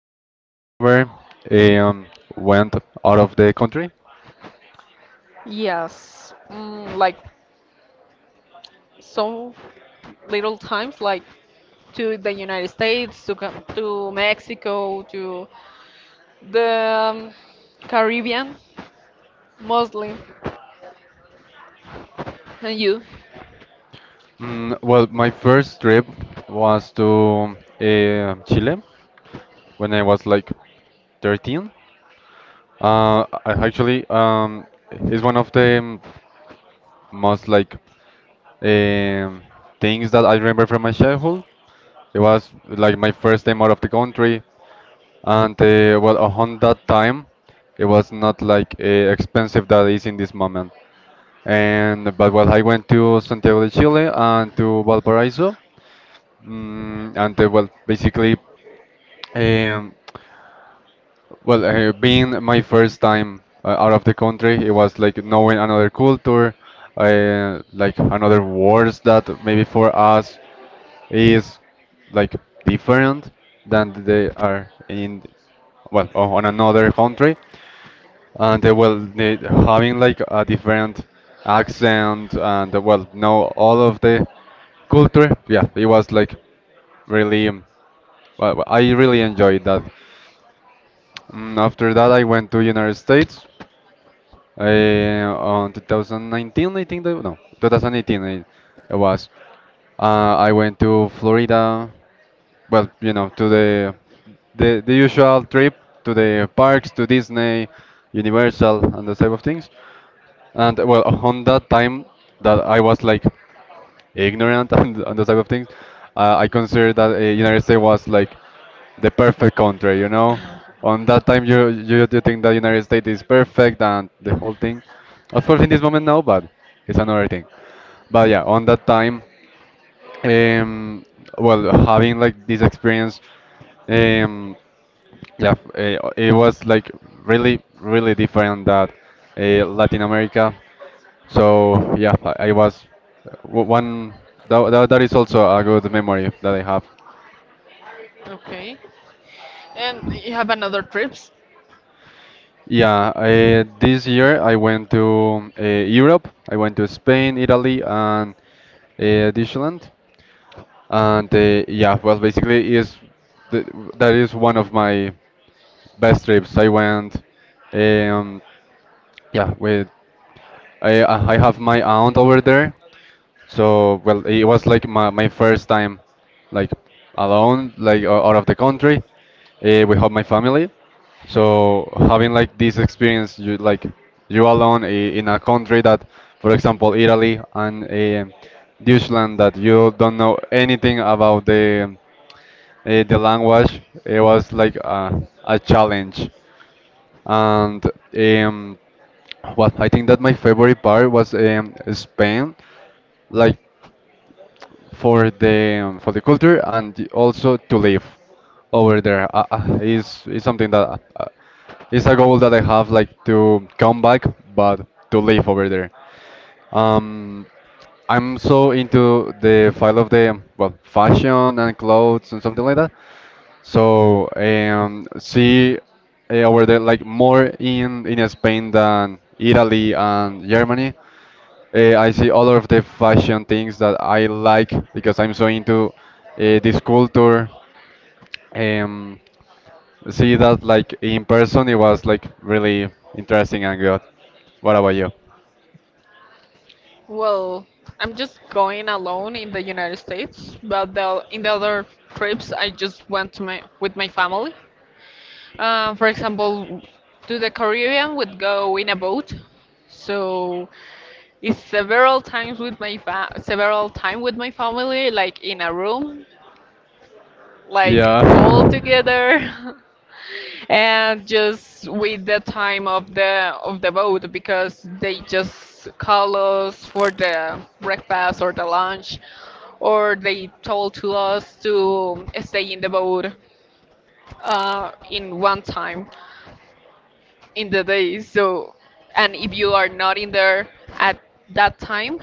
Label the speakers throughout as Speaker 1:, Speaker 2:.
Speaker 1: Have you ever um, went out of the country?
Speaker 2: Yes, like so little times, like to the United States, to Mexico, to the Caribbean, mostly. And you?
Speaker 1: Well, my first trip was to Chile when I was like 13. I actually It's one of the most like um, things that I remember from my childhood. It was like my first time out of the country, and well, on that time, it was not like expensive that is in this moment. And but well, I went to Santiago de Chile and to Valparaiso, and well, basically, um, being my first time out of the country, it was like knowing another culture, like another words that maybe for us is like different than they are in on another country, and they will need having like a different accent, and they will know all of the culture. Yeah, it was like really, I really enjoyed that. After that, I went to United States on 2019, I think, that, no, 2018 it was. I went to Florida, well, you know, to the usual trip to the parks, to Disney, Universal, and those type of things. And well, on that time that I was like ignorant and on those type of things, I considered that United States was like the perfect country, you know. On that time, you think that United States is perfect and the whole thing. Of course, in this moment now, but it's another thing. But yeah, on that time, um, well, having like this experience, um, yeah, it was like really, really different that Latin America. So yeah, I was one. That is also a good memory that I have.
Speaker 2: Okay. And you have another trips?
Speaker 1: Yeah, I, this year I went to Europe. I went to Spain, Italy, and Deutschland. And well, basically is th that is one of my best trips. I went, um, yeah, with. I have my aunt over there, so well it was like my first time, like alone, like out of the country, without my family. So having like this experience, you like you alone in a country that, for example, Italy and Deutschland, that you don't know anything about the language, it was like a challenge, and um, well, I think that my favorite part was Spain, like for the culture, and also to live over there is something that is a goal that I have, like to come back, but to live over there. Um, I'm so into the file of the well fashion and clothes and something like that. So see over there like more in Spain than Italy and Germany. I see all of the fashion things that I like because I'm so into this culture. Um, See that like in person, it was like really interesting and good. What about you?
Speaker 2: Well, I'm just going alone in the United States, but in the other trips I just went to my with my family. For example, to the Caribbean we would go in a boat. So it's several times with my fa several time with my family, like in a room, like all
Speaker 1: Yeah.
Speaker 2: together. And just with the time of the boat, because they just call us for the breakfast or the lunch, or they told to us to stay in the boat, in one time in the day. So, and if you are not in there at that time,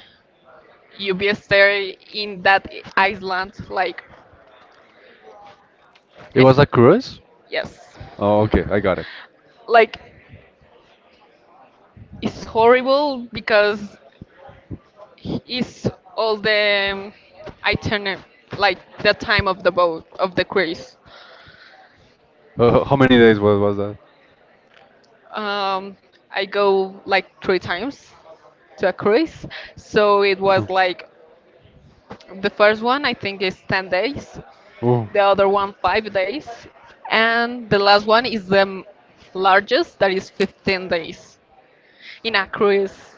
Speaker 2: you be stay in that island, like.
Speaker 1: It was
Speaker 2: And
Speaker 1: a cruise?
Speaker 2: yes,
Speaker 1: Oh, okay, I got it.
Speaker 2: like, it's horrible because is all the itinerary, like the time of the boat of the cruise.
Speaker 1: How many days was that?
Speaker 2: um, I go like three times to a cruise, so it was like, the first one I think is 10 days,
Speaker 1: Oh.
Speaker 2: the other one 5 days, and the last one is largest, that is 15 days in a cruise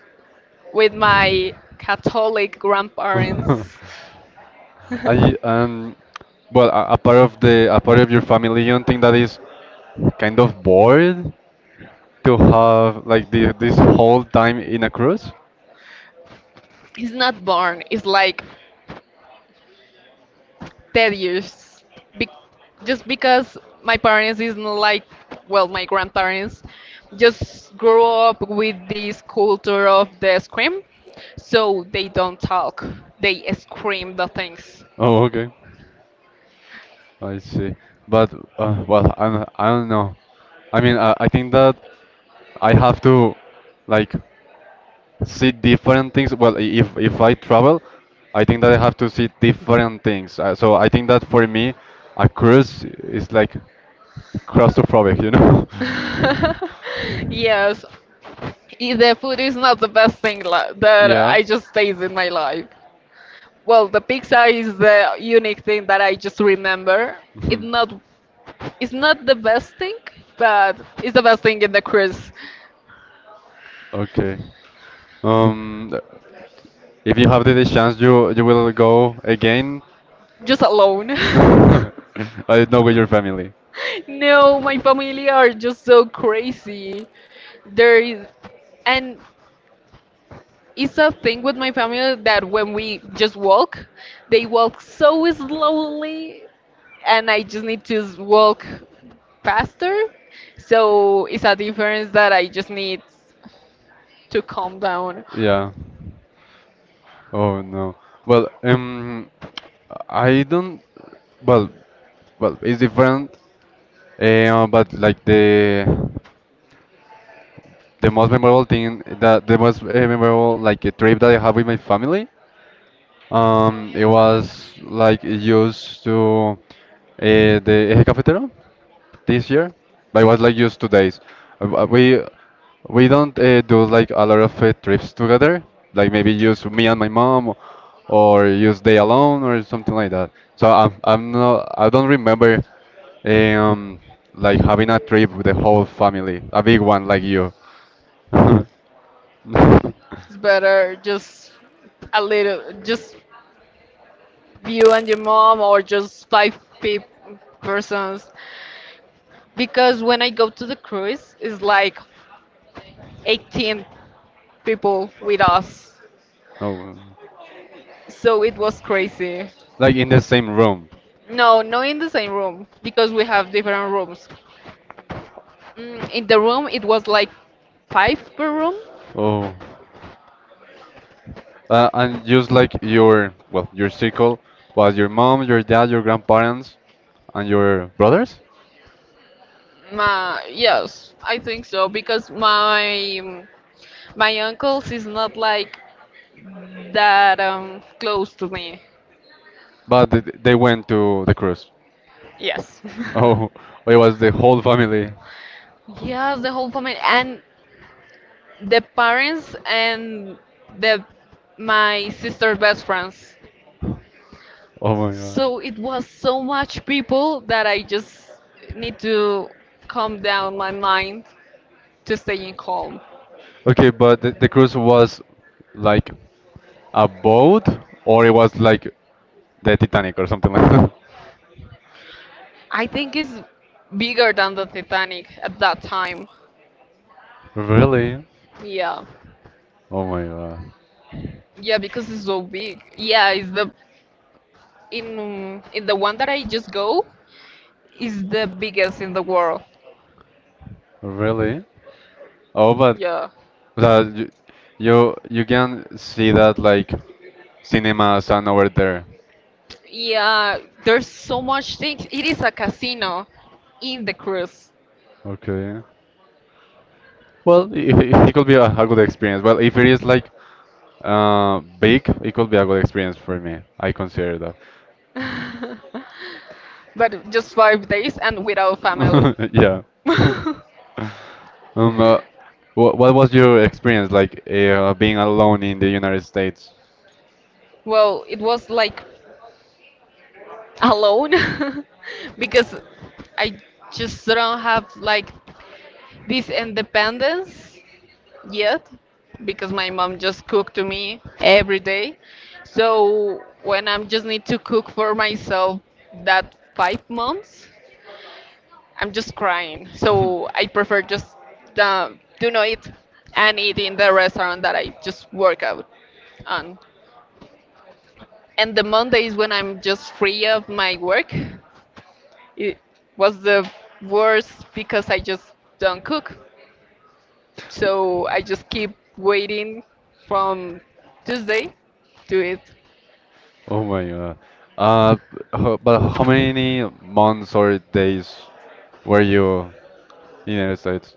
Speaker 2: with my Catholic grandparents. It's
Speaker 1: I, um, well, a part of the a part of your family, you don't think that is kind of bored to have like this whole time in a cruise?
Speaker 2: not born, it's like tedious, be- just because my parents is not like, well, my grandparents just grew up with this culture of the scream. So they don't talk, they scream the things.
Speaker 1: Oh, okay. I see. But well, I don't know. I mean, I think that I have to like see different things. Well, if I travel, I think that I have to see different things. So I think that for me, a cruise is like claustrophobic, you know?
Speaker 2: Yes, the food is not the best thing that
Speaker 1: Yeah.
Speaker 2: I just taste in my life. Well, the pizza is the unique thing that I just remember. it not it's not the best thing, but it's the best thing in the cruise.
Speaker 1: Okay. Um, th- if you have the chance, you will go again.
Speaker 2: Just alone.
Speaker 1: I don't know, with your family.
Speaker 2: No, my family are just so crazy. There is, and it's a thing with my family that when we just walk, they walk so slowly, and I just need to walk faster. So it's a difference that I just need to calm down.
Speaker 1: Yeah. Oh no. Well, I don't. Well, well, it's different. But like the most memorable thing, that the most memorable like a trip that I have with my family. It was like used to the Eje Cafetero this year, but it was like just 2 days. Uh, uh, We we don't do like a lot of trips together, like maybe just me and my mom, or just they alone or something like that. So I don't remember um like having a trip with the whole family, a big one like you.
Speaker 2: It's better just a little, just you and your mom, or just five persons. Because when I go to the cruise, it's like 18 people with us.
Speaker 1: No,
Speaker 2: So it was crazy.
Speaker 1: like in the same room.
Speaker 2: No, not in the same room because we have different rooms. In the room, it was like five per room.
Speaker 1: Oh. And just like your, well, your circle was your mom, your dad, your grandparents, and your brothers,
Speaker 2: Yes, I think so because my uncles is not like that close to me.
Speaker 1: but they went to the cruise.
Speaker 2: Yes.
Speaker 1: Oh, it was the whole family.
Speaker 2: Yes, the whole family, and the parents and the my sister best friends.
Speaker 1: Oh my God.
Speaker 2: So it was so much people that I just need to calm down my mind to staying calm.
Speaker 1: Okay, but the cruise was like a boat, or it was like the Titanic or something like that?
Speaker 2: I think it's bigger than the Titanic at that time.
Speaker 1: Really?
Speaker 2: Yeah.
Speaker 1: Oh my God.
Speaker 2: Yeah, because it's so big. Yeah, it's the in the one that I just go is the biggest in the world.
Speaker 1: Really? Oh, but
Speaker 2: Yeah.
Speaker 1: uh, you, you you can see that like cinemas and over there.
Speaker 2: Yeah, there's so much things. It is a casino in the cruise.
Speaker 1: Okay. Well, it could be a good experience. Well, if it is like big, it could be a good experience for me. I consider that.
Speaker 2: But just 5 days and without family.
Speaker 1: Yeah. Um, uh, what what was your experience like being alone in the United States? Because
Speaker 2: Well, it was like alone because
Speaker 1: I
Speaker 2: I
Speaker 1: just
Speaker 2: just
Speaker 1: don't
Speaker 2: don't
Speaker 1: have
Speaker 2: have
Speaker 1: like
Speaker 2: like
Speaker 1: to be
Speaker 2: this
Speaker 1: independent.
Speaker 2: independence
Speaker 1: Yes,
Speaker 2: yet
Speaker 1: because
Speaker 2: because
Speaker 1: my
Speaker 2: my
Speaker 1: mom
Speaker 2: mom
Speaker 1: just
Speaker 2: just
Speaker 1: cooks
Speaker 2: cooked
Speaker 1: for
Speaker 2: to
Speaker 1: me
Speaker 2: me
Speaker 1: every
Speaker 2: every
Speaker 1: day.
Speaker 2: day.
Speaker 1: So
Speaker 2: So
Speaker 1: when
Speaker 2: when
Speaker 1: I'm
Speaker 2: I'm just
Speaker 1: going
Speaker 2: need
Speaker 1: to
Speaker 2: to
Speaker 1: cook
Speaker 2: cook
Speaker 1: for
Speaker 2: for
Speaker 1: myself,
Speaker 2: myself
Speaker 1: that
Speaker 2: that
Speaker 1: fight,
Speaker 2: five
Speaker 1: mom,
Speaker 2: months,
Speaker 1: I'm
Speaker 2: I'm
Speaker 1: just
Speaker 2: just
Speaker 1: crying.
Speaker 2: crying.
Speaker 1: So
Speaker 2: So
Speaker 1: I
Speaker 2: I
Speaker 1: prefer
Speaker 2: prefer
Speaker 1: just
Speaker 2: just
Speaker 1: the you
Speaker 2: do not eat
Speaker 1: know, and
Speaker 2: and
Speaker 1: in
Speaker 2: eat in
Speaker 1: the
Speaker 2: the
Speaker 1: restaurant
Speaker 2: restaurant
Speaker 1: that
Speaker 2: that
Speaker 1: I
Speaker 2: I just
Speaker 1: work
Speaker 2: work
Speaker 1: at.
Speaker 2: out on. And the Mondays when I'm just free of my work, it was the worst because I just don't cook. So I just keep waiting from Tuesday to it
Speaker 1: Oh my God. Uh, but how many months or days were you in the United States?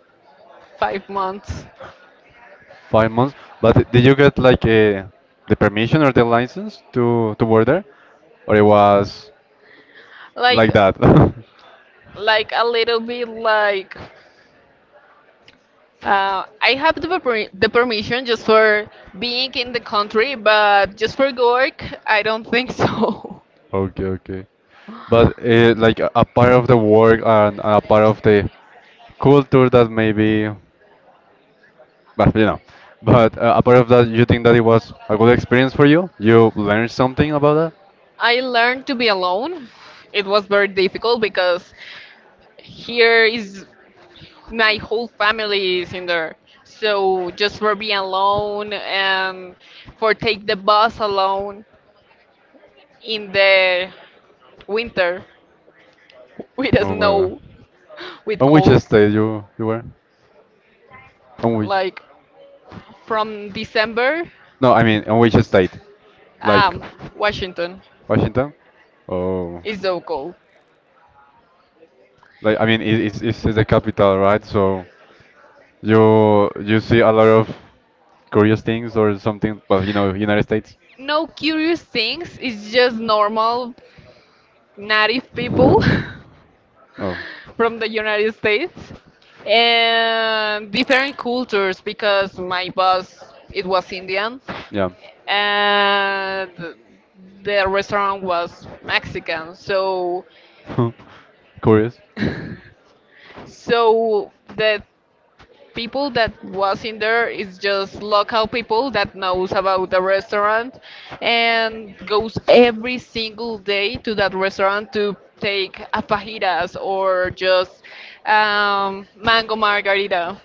Speaker 2: 5 months.
Speaker 1: 5 months. But did you get like a the permission or the license to work there, or it was
Speaker 2: Like
Speaker 1: like that?
Speaker 2: like a little bit like. I have the permission just for being in the country, but just for work, I don't think so.
Speaker 1: Okay, okay. But like a part of the work and a part of the culture that maybe, but you know, but a part of that, you think that it was a good experience for you? You learned something about that?
Speaker 2: I learned to be alone. It was very difficult because here is my whole family is in there. So just for being alone and for take the bus alone in the winter with the
Speaker 1: Oh my God.
Speaker 2: snow, with
Speaker 1: On which
Speaker 2: cold,
Speaker 1: state you you were? On which?
Speaker 2: like from December,
Speaker 1: No, I mean on which state? Like
Speaker 2: um, Washington.
Speaker 1: Washington? Oh,
Speaker 2: It's so cool.
Speaker 1: like I mean it's the capital, right? So you see a lot of curious things or something. Well, you know, United States.
Speaker 2: No curious things. It's just normal native people
Speaker 1: Oh,
Speaker 2: from the United States and different cultures because my boss it was Indian
Speaker 1: yeah.
Speaker 2: and the restaurant was Mexican. So
Speaker 1: Curious.
Speaker 2: so the people that was in there is just local people that knows about the restaurant and goes every single day to that restaurant to take a fajitas or just mango margarita.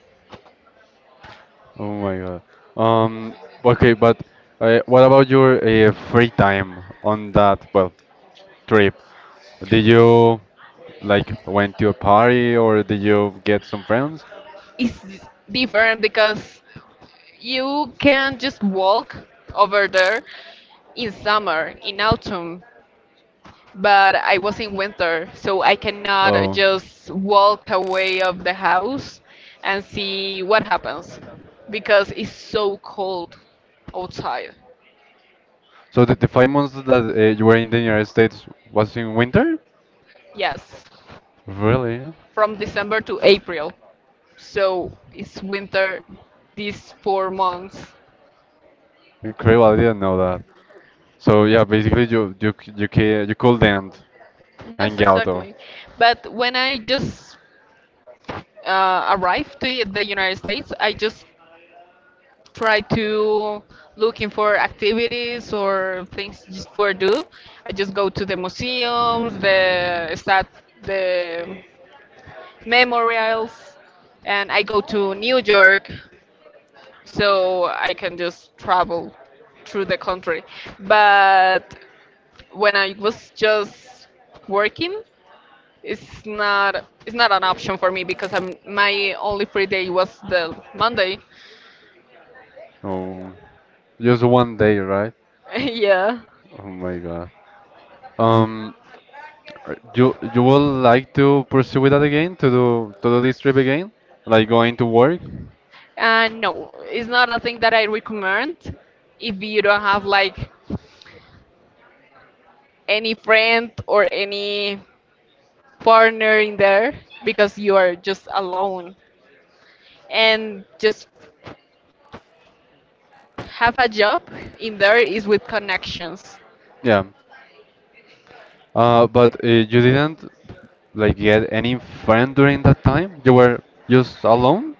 Speaker 1: Oh my God. Um, okay, but what about your free time on that, well, trip? Did you like went to a party or did you get some friends?
Speaker 2: It's different because you can just walk over there in summer, in autumn, but I was in winter, so I cannot
Speaker 1: Oh.
Speaker 2: just walk away of the house and see what happens because it's so cold outside.
Speaker 1: So the 5 months that you were in the United States was in winter?
Speaker 2: Yes,
Speaker 1: Really?
Speaker 2: from December to April. So it's winter these 4 months.
Speaker 1: Incredible! I didn't know that. So yeah, basically you you c- you ca- you couldn't
Speaker 2: Yes,
Speaker 1: hang out or
Speaker 2: exactly. But when I just arrived to the United States, I just try to looking for activities or things just for do. I just go to the museums, the memorials, and I go to New York so I can just travel through the country. But when I was just working, it's not an option for me because my only free day was the Monday.
Speaker 1: oh, just one day, right?
Speaker 2: Yeah.
Speaker 1: Oh my God. Um, you you would like to pursue with that again to do this trip again, like going to work?
Speaker 2: And no, it's not a thing that I recommend if you don't have like any friend or any partner in there because you are just alone. And just have a job in there is with connections.
Speaker 1: Yeah. But you didn't like get any friend during that time. You were just alone.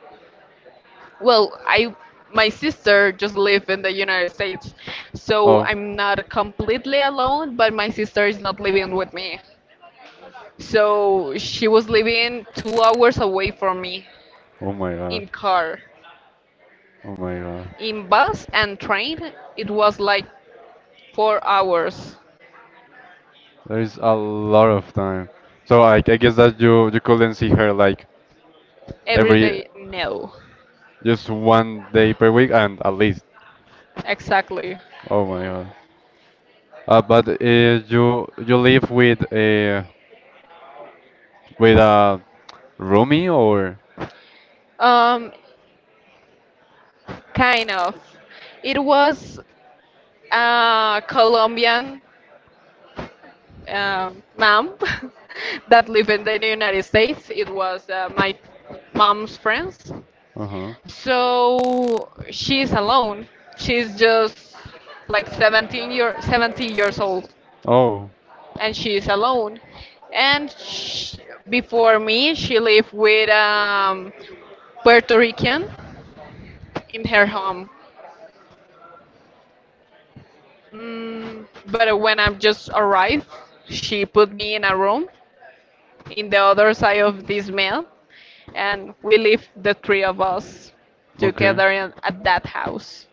Speaker 2: Well, I my sister just live in the United States, so
Speaker 1: Oh,
Speaker 2: I'm not completely alone, but my sister is not living with me. So she was living 2 hours away from me
Speaker 1: oh my God,
Speaker 2: in car.
Speaker 1: oh my God.
Speaker 2: In bus and train, it was like 4 hours
Speaker 1: There is a lot of time. So I guess that you couldn't see her like
Speaker 2: every
Speaker 1: every,
Speaker 2: day. No,
Speaker 1: just one day per week, and at least.
Speaker 2: exactly.
Speaker 1: Oh my God. But you you live with a roomie or?
Speaker 2: Um, Kind of. It was a Colombian mom that lived in the United States. It was my mom's friends.
Speaker 1: Uh-huh.
Speaker 2: So she's alone. She's just like 17 year 70 years old.
Speaker 1: Oh,
Speaker 2: And she is alone. And sh before me, she lived with Puerto Rican in her home. But when I just arrived, she put me in a room in the other side of this mail, and we lived the three of us
Speaker 1: okay.
Speaker 2: together at that house.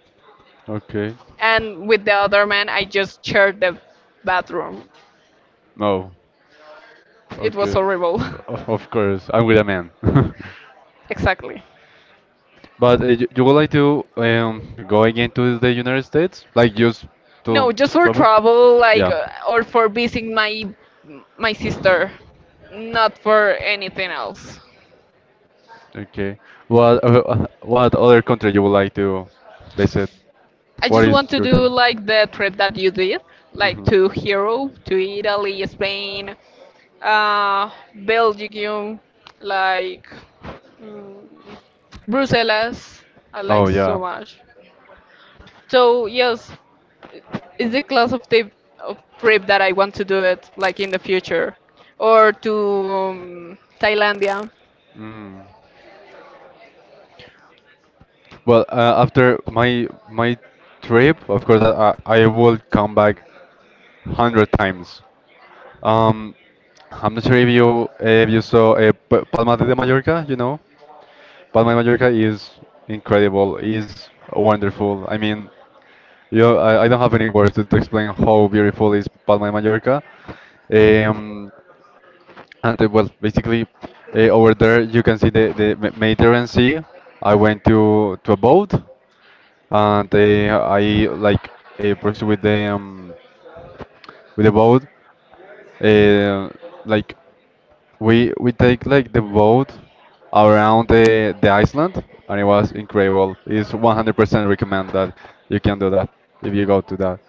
Speaker 1: Okay.
Speaker 2: And with the other man, I just shared the bathroom.
Speaker 1: No.
Speaker 2: It was
Speaker 1: Okay.
Speaker 2: horrible.
Speaker 1: Of course, I'm with a man.
Speaker 2: Exactly.
Speaker 1: But you would like to go again to the United States? Like just to
Speaker 2: No, just for
Speaker 1: travel?
Speaker 2: travel, like,
Speaker 1: Yeah.
Speaker 2: or for visiting my sister, not for anything else.
Speaker 1: Okay. What what other country you would like to visit?
Speaker 2: I
Speaker 1: What
Speaker 2: just want
Speaker 1: is
Speaker 2: to
Speaker 1: your
Speaker 2: do
Speaker 1: dream?
Speaker 2: like the trip that you did, like
Speaker 1: Mhm.
Speaker 2: to Hero, to Italy, Spain, Belgium, like mm, Brussels. I like
Speaker 1: Oh
Speaker 2: so
Speaker 1: yeah.
Speaker 2: much. So yes, it's the class of the of trip that I want to do it like in the future, or to Thailandia.
Speaker 1: Mm. Well, after my trip, of course, I will come back 100 times. Um, I'm not sure if you saw Palma de Mallorca. You know, Palma de Mallorca is incredible. Is wonderful. I mean, you know, I don't have any words to explain how beautiful is Palma de Mallorca. Um, and well, basically, over there you can see the Mediterranean Sea. I went to a boat, and I like proceed with the boat. Uh, like we take like the boat around the island, and it was incredible. It's 100% recommend that you can do that if you go to that.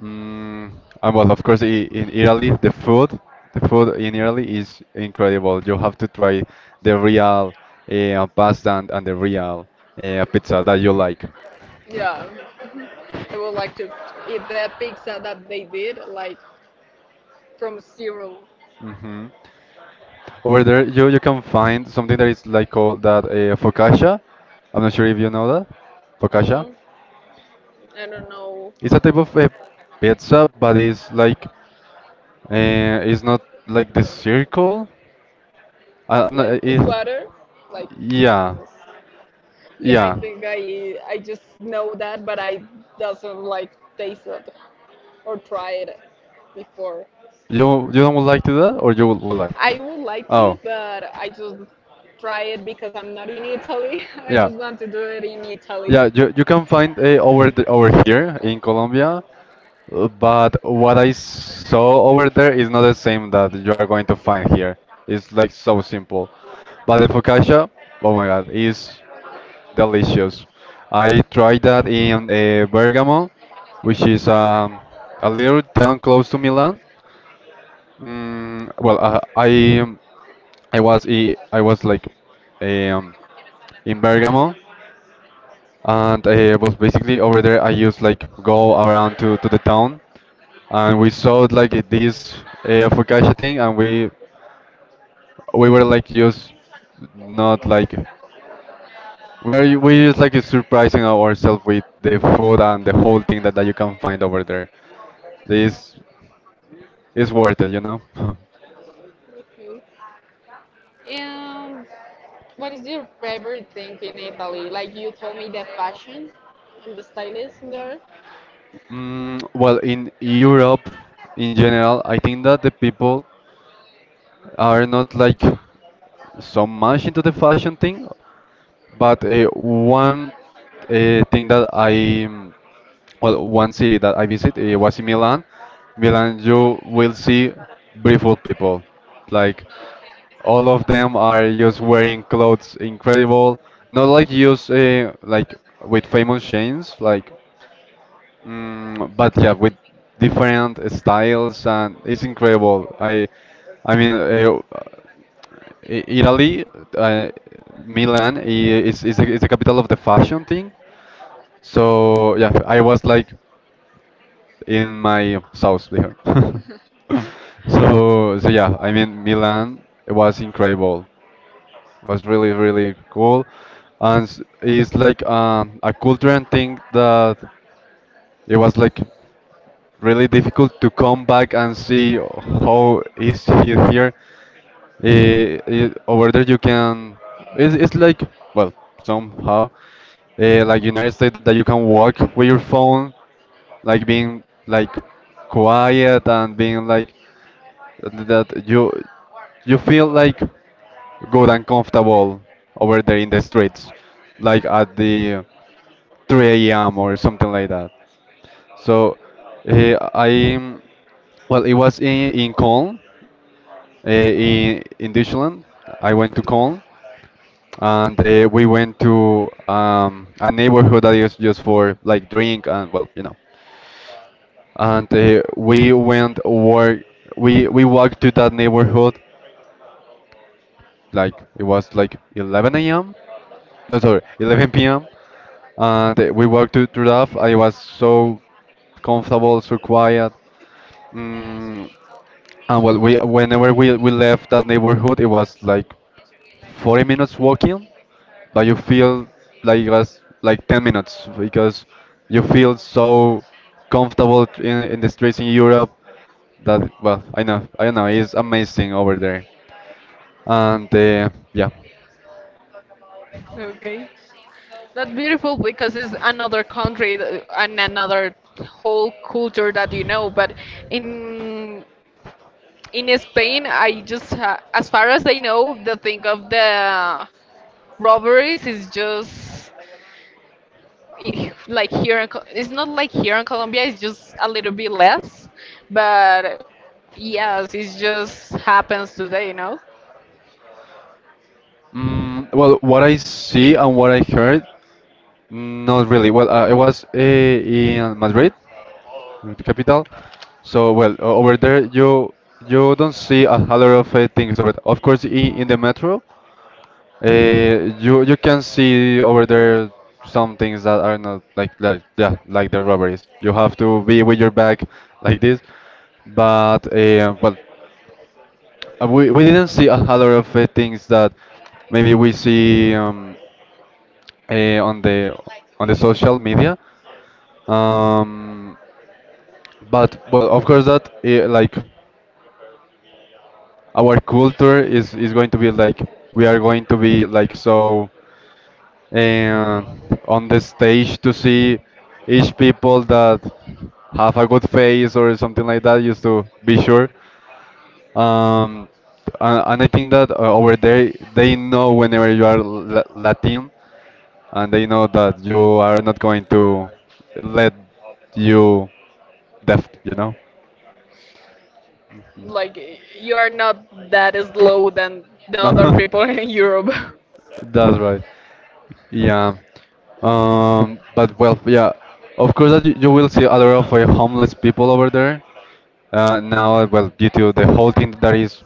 Speaker 1: Mm, and well, of course, in Italy, the food in Italy is incredible. You have to try the real pasta and the real pizza that you like.
Speaker 2: Yeah, I would like to eat the pizza that they did, like from zero.
Speaker 1: hmm Over there, you can find something that is like called that focaccia. I'm not sure if you know that. Focaccia.
Speaker 2: Mm, I don't know.
Speaker 1: It's a type of pizza, but it's like it's not like the circle. I,
Speaker 2: It's
Speaker 1: I'm not.
Speaker 2: like
Speaker 1: Eh,
Speaker 2: a
Speaker 1: It,
Speaker 2: squatter, like. Yeah.
Speaker 1: Yeah,
Speaker 2: Yeah, I
Speaker 1: yeah.
Speaker 2: think I just know that, but I doesn't like taste it or try it before.
Speaker 1: You don't would like to that, or you would like?
Speaker 2: I would like to,
Speaker 1: Oh,
Speaker 2: but I just try it because I'm not in Italy. I
Speaker 1: yeah.
Speaker 2: just want to do it in Italy.
Speaker 1: Yeah, you can find over the, over here in Colombia, but what I saw over there is not the same that you are going to find here. It's like so simple. But the focaccia, oh my god, is delicious. I tried that in Bergamo, which is a little town close to Milan. Mm, well, uh, I I was like eh, um, in Bergamo and was basically over there. I used like go around to the town, and we saw like this focaccia thing, and we were like just not like where we just like surprising ourselves with the food and the whole thing that, that you can find over there. This is worth it.
Speaker 2: Okay. And what is your favorite thing in Italy? Like you told me the fashion and the stylism there.
Speaker 1: In Europe in general, I think that the people are not like so much into the fashion thing. But one thing that one city that I visit was in Milan. Milan, you will see beautiful people. Like all of them are just wearing clothes incredible. Not like use like with famous chains, like but yeah, with different styles and it's incredible. I mean, uh, Italy, uh, Milan is the capital of the fashion thing. So yeah, I was like in my house there. So yeah, I mean Milan was incredible. Was really really cool, and it's like a cultural thing that it was like really difficult to come back and see how is he here. Over there you can, it's like, well, somehow, like United States that you can walk with your phone, like being like quiet and being like that you feel like good and comfortable over there in the streets, like at the 3 a.m. or something like that. So I well, it was in Cologne, in Deutschland. I went to Cologne, and we went to a neighborhood that is just for like drink and well, you know. And we went walk. We walked to that neighborhood. Like it was like 11 a.m. No, sorry, 11 p.m. And we walked to through that. I was so comfortable, so quiet. Mm, and well, we whenever we left that neighborhood, it was like 40 minutes walking, but you feel like it was like 10 minutes because you feel so comfortable in the streets in Europe that, well, I know, I don't know, it's amazing over there. And yeah.
Speaker 2: Okay. That's beautiful because it's another country and another whole culture that you know. But in in Spain, I just, ha as far as I know, the thing of the robberies is just like here it's not like here in Colombia, it's just a little bit less, but yes, it just happens today, you know.
Speaker 1: What I see and what I heard, not really. Well, I was in Madrid, the capital. So, well, over there you don't see a lot of things over. Of course, in the metro, you can see over there some things that are not like like yeah like the robberies. You have to be with your back like this, but we didn't see a lot of things that maybe we see uh, on the on the social media. Um, but well, of course that like our culture is going to be like we are going to be like so. And on the stage to see each people that have a good face or something like that just to be sure um and I think that over there they know whenever you are latin and they know that you are not going to let you deaf.
Speaker 2: Like you are not that slow than the other people in Europe.
Speaker 1: That's right. Yeah. But well, yeah, of course that you will see a lot of homeless people over there. Well, due to the whole thing that is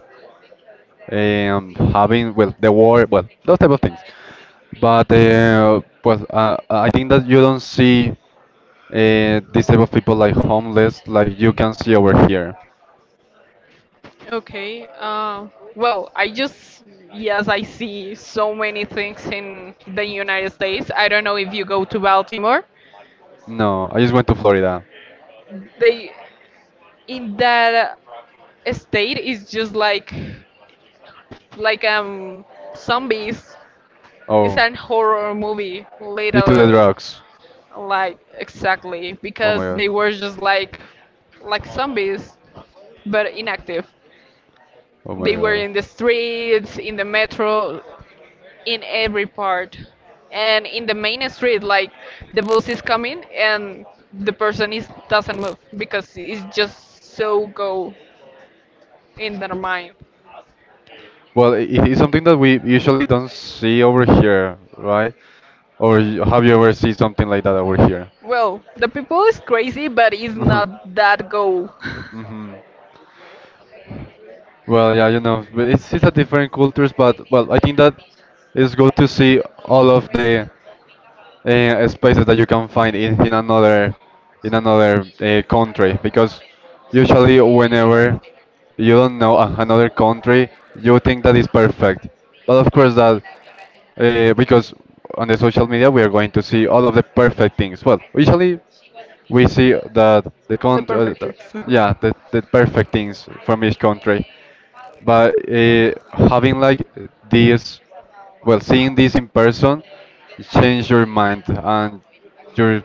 Speaker 1: having, well, the war, well, those type of things. But I think that you don't see these type of people like homeless like you can see over here.
Speaker 2: Okay, well, I just yes, I see so many things in the United States. I don't know if you go to Baltimore.
Speaker 1: No, I just went to Florida.
Speaker 2: They In that state is just like zombies. It's
Speaker 1: Oh,
Speaker 2: an horror movie,
Speaker 1: due to the
Speaker 2: literally.
Speaker 1: drugs.
Speaker 2: Like exactly
Speaker 1: Oh
Speaker 2: because
Speaker 1: my
Speaker 2: they were just like zombies,
Speaker 1: God.
Speaker 2: but inactive.
Speaker 1: Oh my
Speaker 2: They were
Speaker 1: God.
Speaker 2: in the streets, in the metro, in every part. And in the main street, like the bus is coming and the person is doesn't move because it's just so go in their mind.
Speaker 1: Well, it is something that we usually don't see over here, right? Or have you ever seen something like that over here?
Speaker 2: Well, the people is crazy, but it's not that go.
Speaker 1: Hmm. Well, yeah, you know, but it's a different cultures, but well, I think that it's good to see all of the spaces that you can find in another country because usually whenever you don't know another country you think that is perfect but of course that because on the social media we are going to see all of the perfect things well usually we see that the
Speaker 2: The
Speaker 1: country
Speaker 2: perfect things.
Speaker 1: yeah the perfect things from each country but having like this well, seeing this in person change your mind and your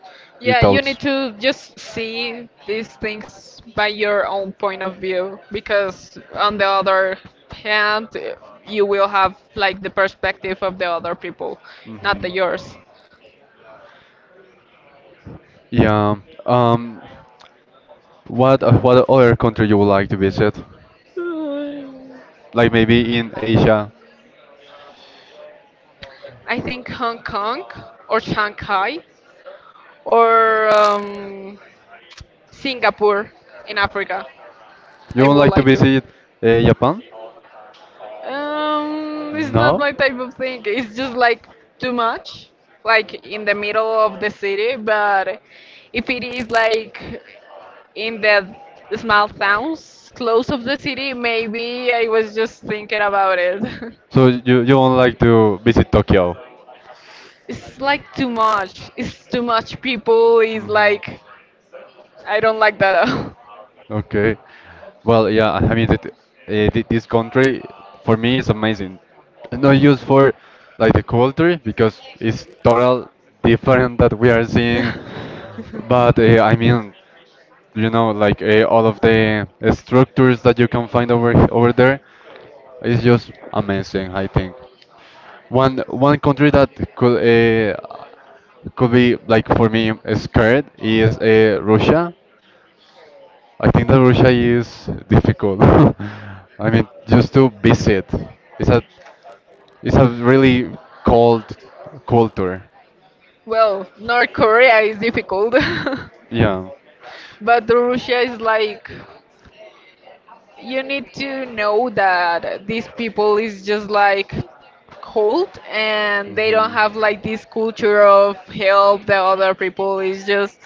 Speaker 1: your
Speaker 2: Yeah, you
Speaker 1: thoughts.
Speaker 2: need to just see these things by your own point of view because on the other hand, you will have like the perspective of the other people, not
Speaker 1: Hmm.
Speaker 2: the yours.
Speaker 1: Yeah. Um, what other country you would like to visit?
Speaker 2: Hmm.
Speaker 1: Like maybe in Asia.
Speaker 2: I think Hong Kong or Shanghai or Singapore, in Africa.
Speaker 1: You
Speaker 2: I
Speaker 1: don't
Speaker 2: would
Speaker 1: like to
Speaker 2: like to.
Speaker 1: visit Japan?
Speaker 2: It's not
Speaker 1: No.
Speaker 2: my type of thing. It's just like too much, like in the middle of the city. But if it is like in the small towns close of the city, maybe I was just thinking about it.
Speaker 1: So you don't like to visit Tokyo?
Speaker 2: It's like too much. It's too much people. It's
Speaker 1: Hmm.
Speaker 2: like, I don't like that at all.
Speaker 1: Okay. Well, yeah, I mean, this country for me is amazing. Not just for like the culture because it's total different that we are
Speaker 2: Seeing.
Speaker 1: seeing, but I mean, you know, like all of the structures that you can find over over there is just amazing. I think one country that could uh, could be like for me scared is Russia. I think that Russia is difficult. I mean, just to visit, it's a it's a really cold culture.
Speaker 2: Well, North Korea is difficult,
Speaker 1: Yeah.
Speaker 2: but Russia is like, you need to know that these people is just like cold, and they don't
Speaker 1: Hmm.
Speaker 2: have like this culture of help the other people. Is just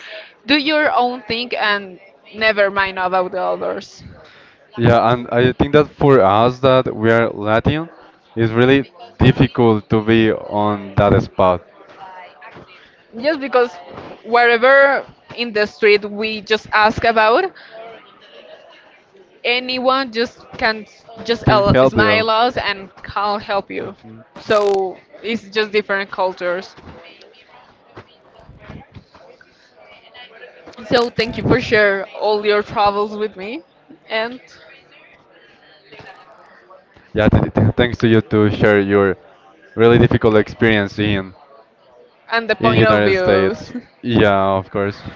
Speaker 2: do your own thing and never mind about the others.
Speaker 1: Yeah, and I think that for us that we are Latin, it's really difficult to be on that spot.
Speaker 2: Just because wherever in the street we just ask about, anyone just can just
Speaker 1: Can help you.
Speaker 2: smile us and can help you. So it's just different cultures. So thank you for share all your travels with me, and
Speaker 1: Yeah, thanks to you to share your really difficult experience
Speaker 2: and the
Speaker 1: in
Speaker 2: point of
Speaker 1: United States.
Speaker 2: views.
Speaker 1: Yeah, of course.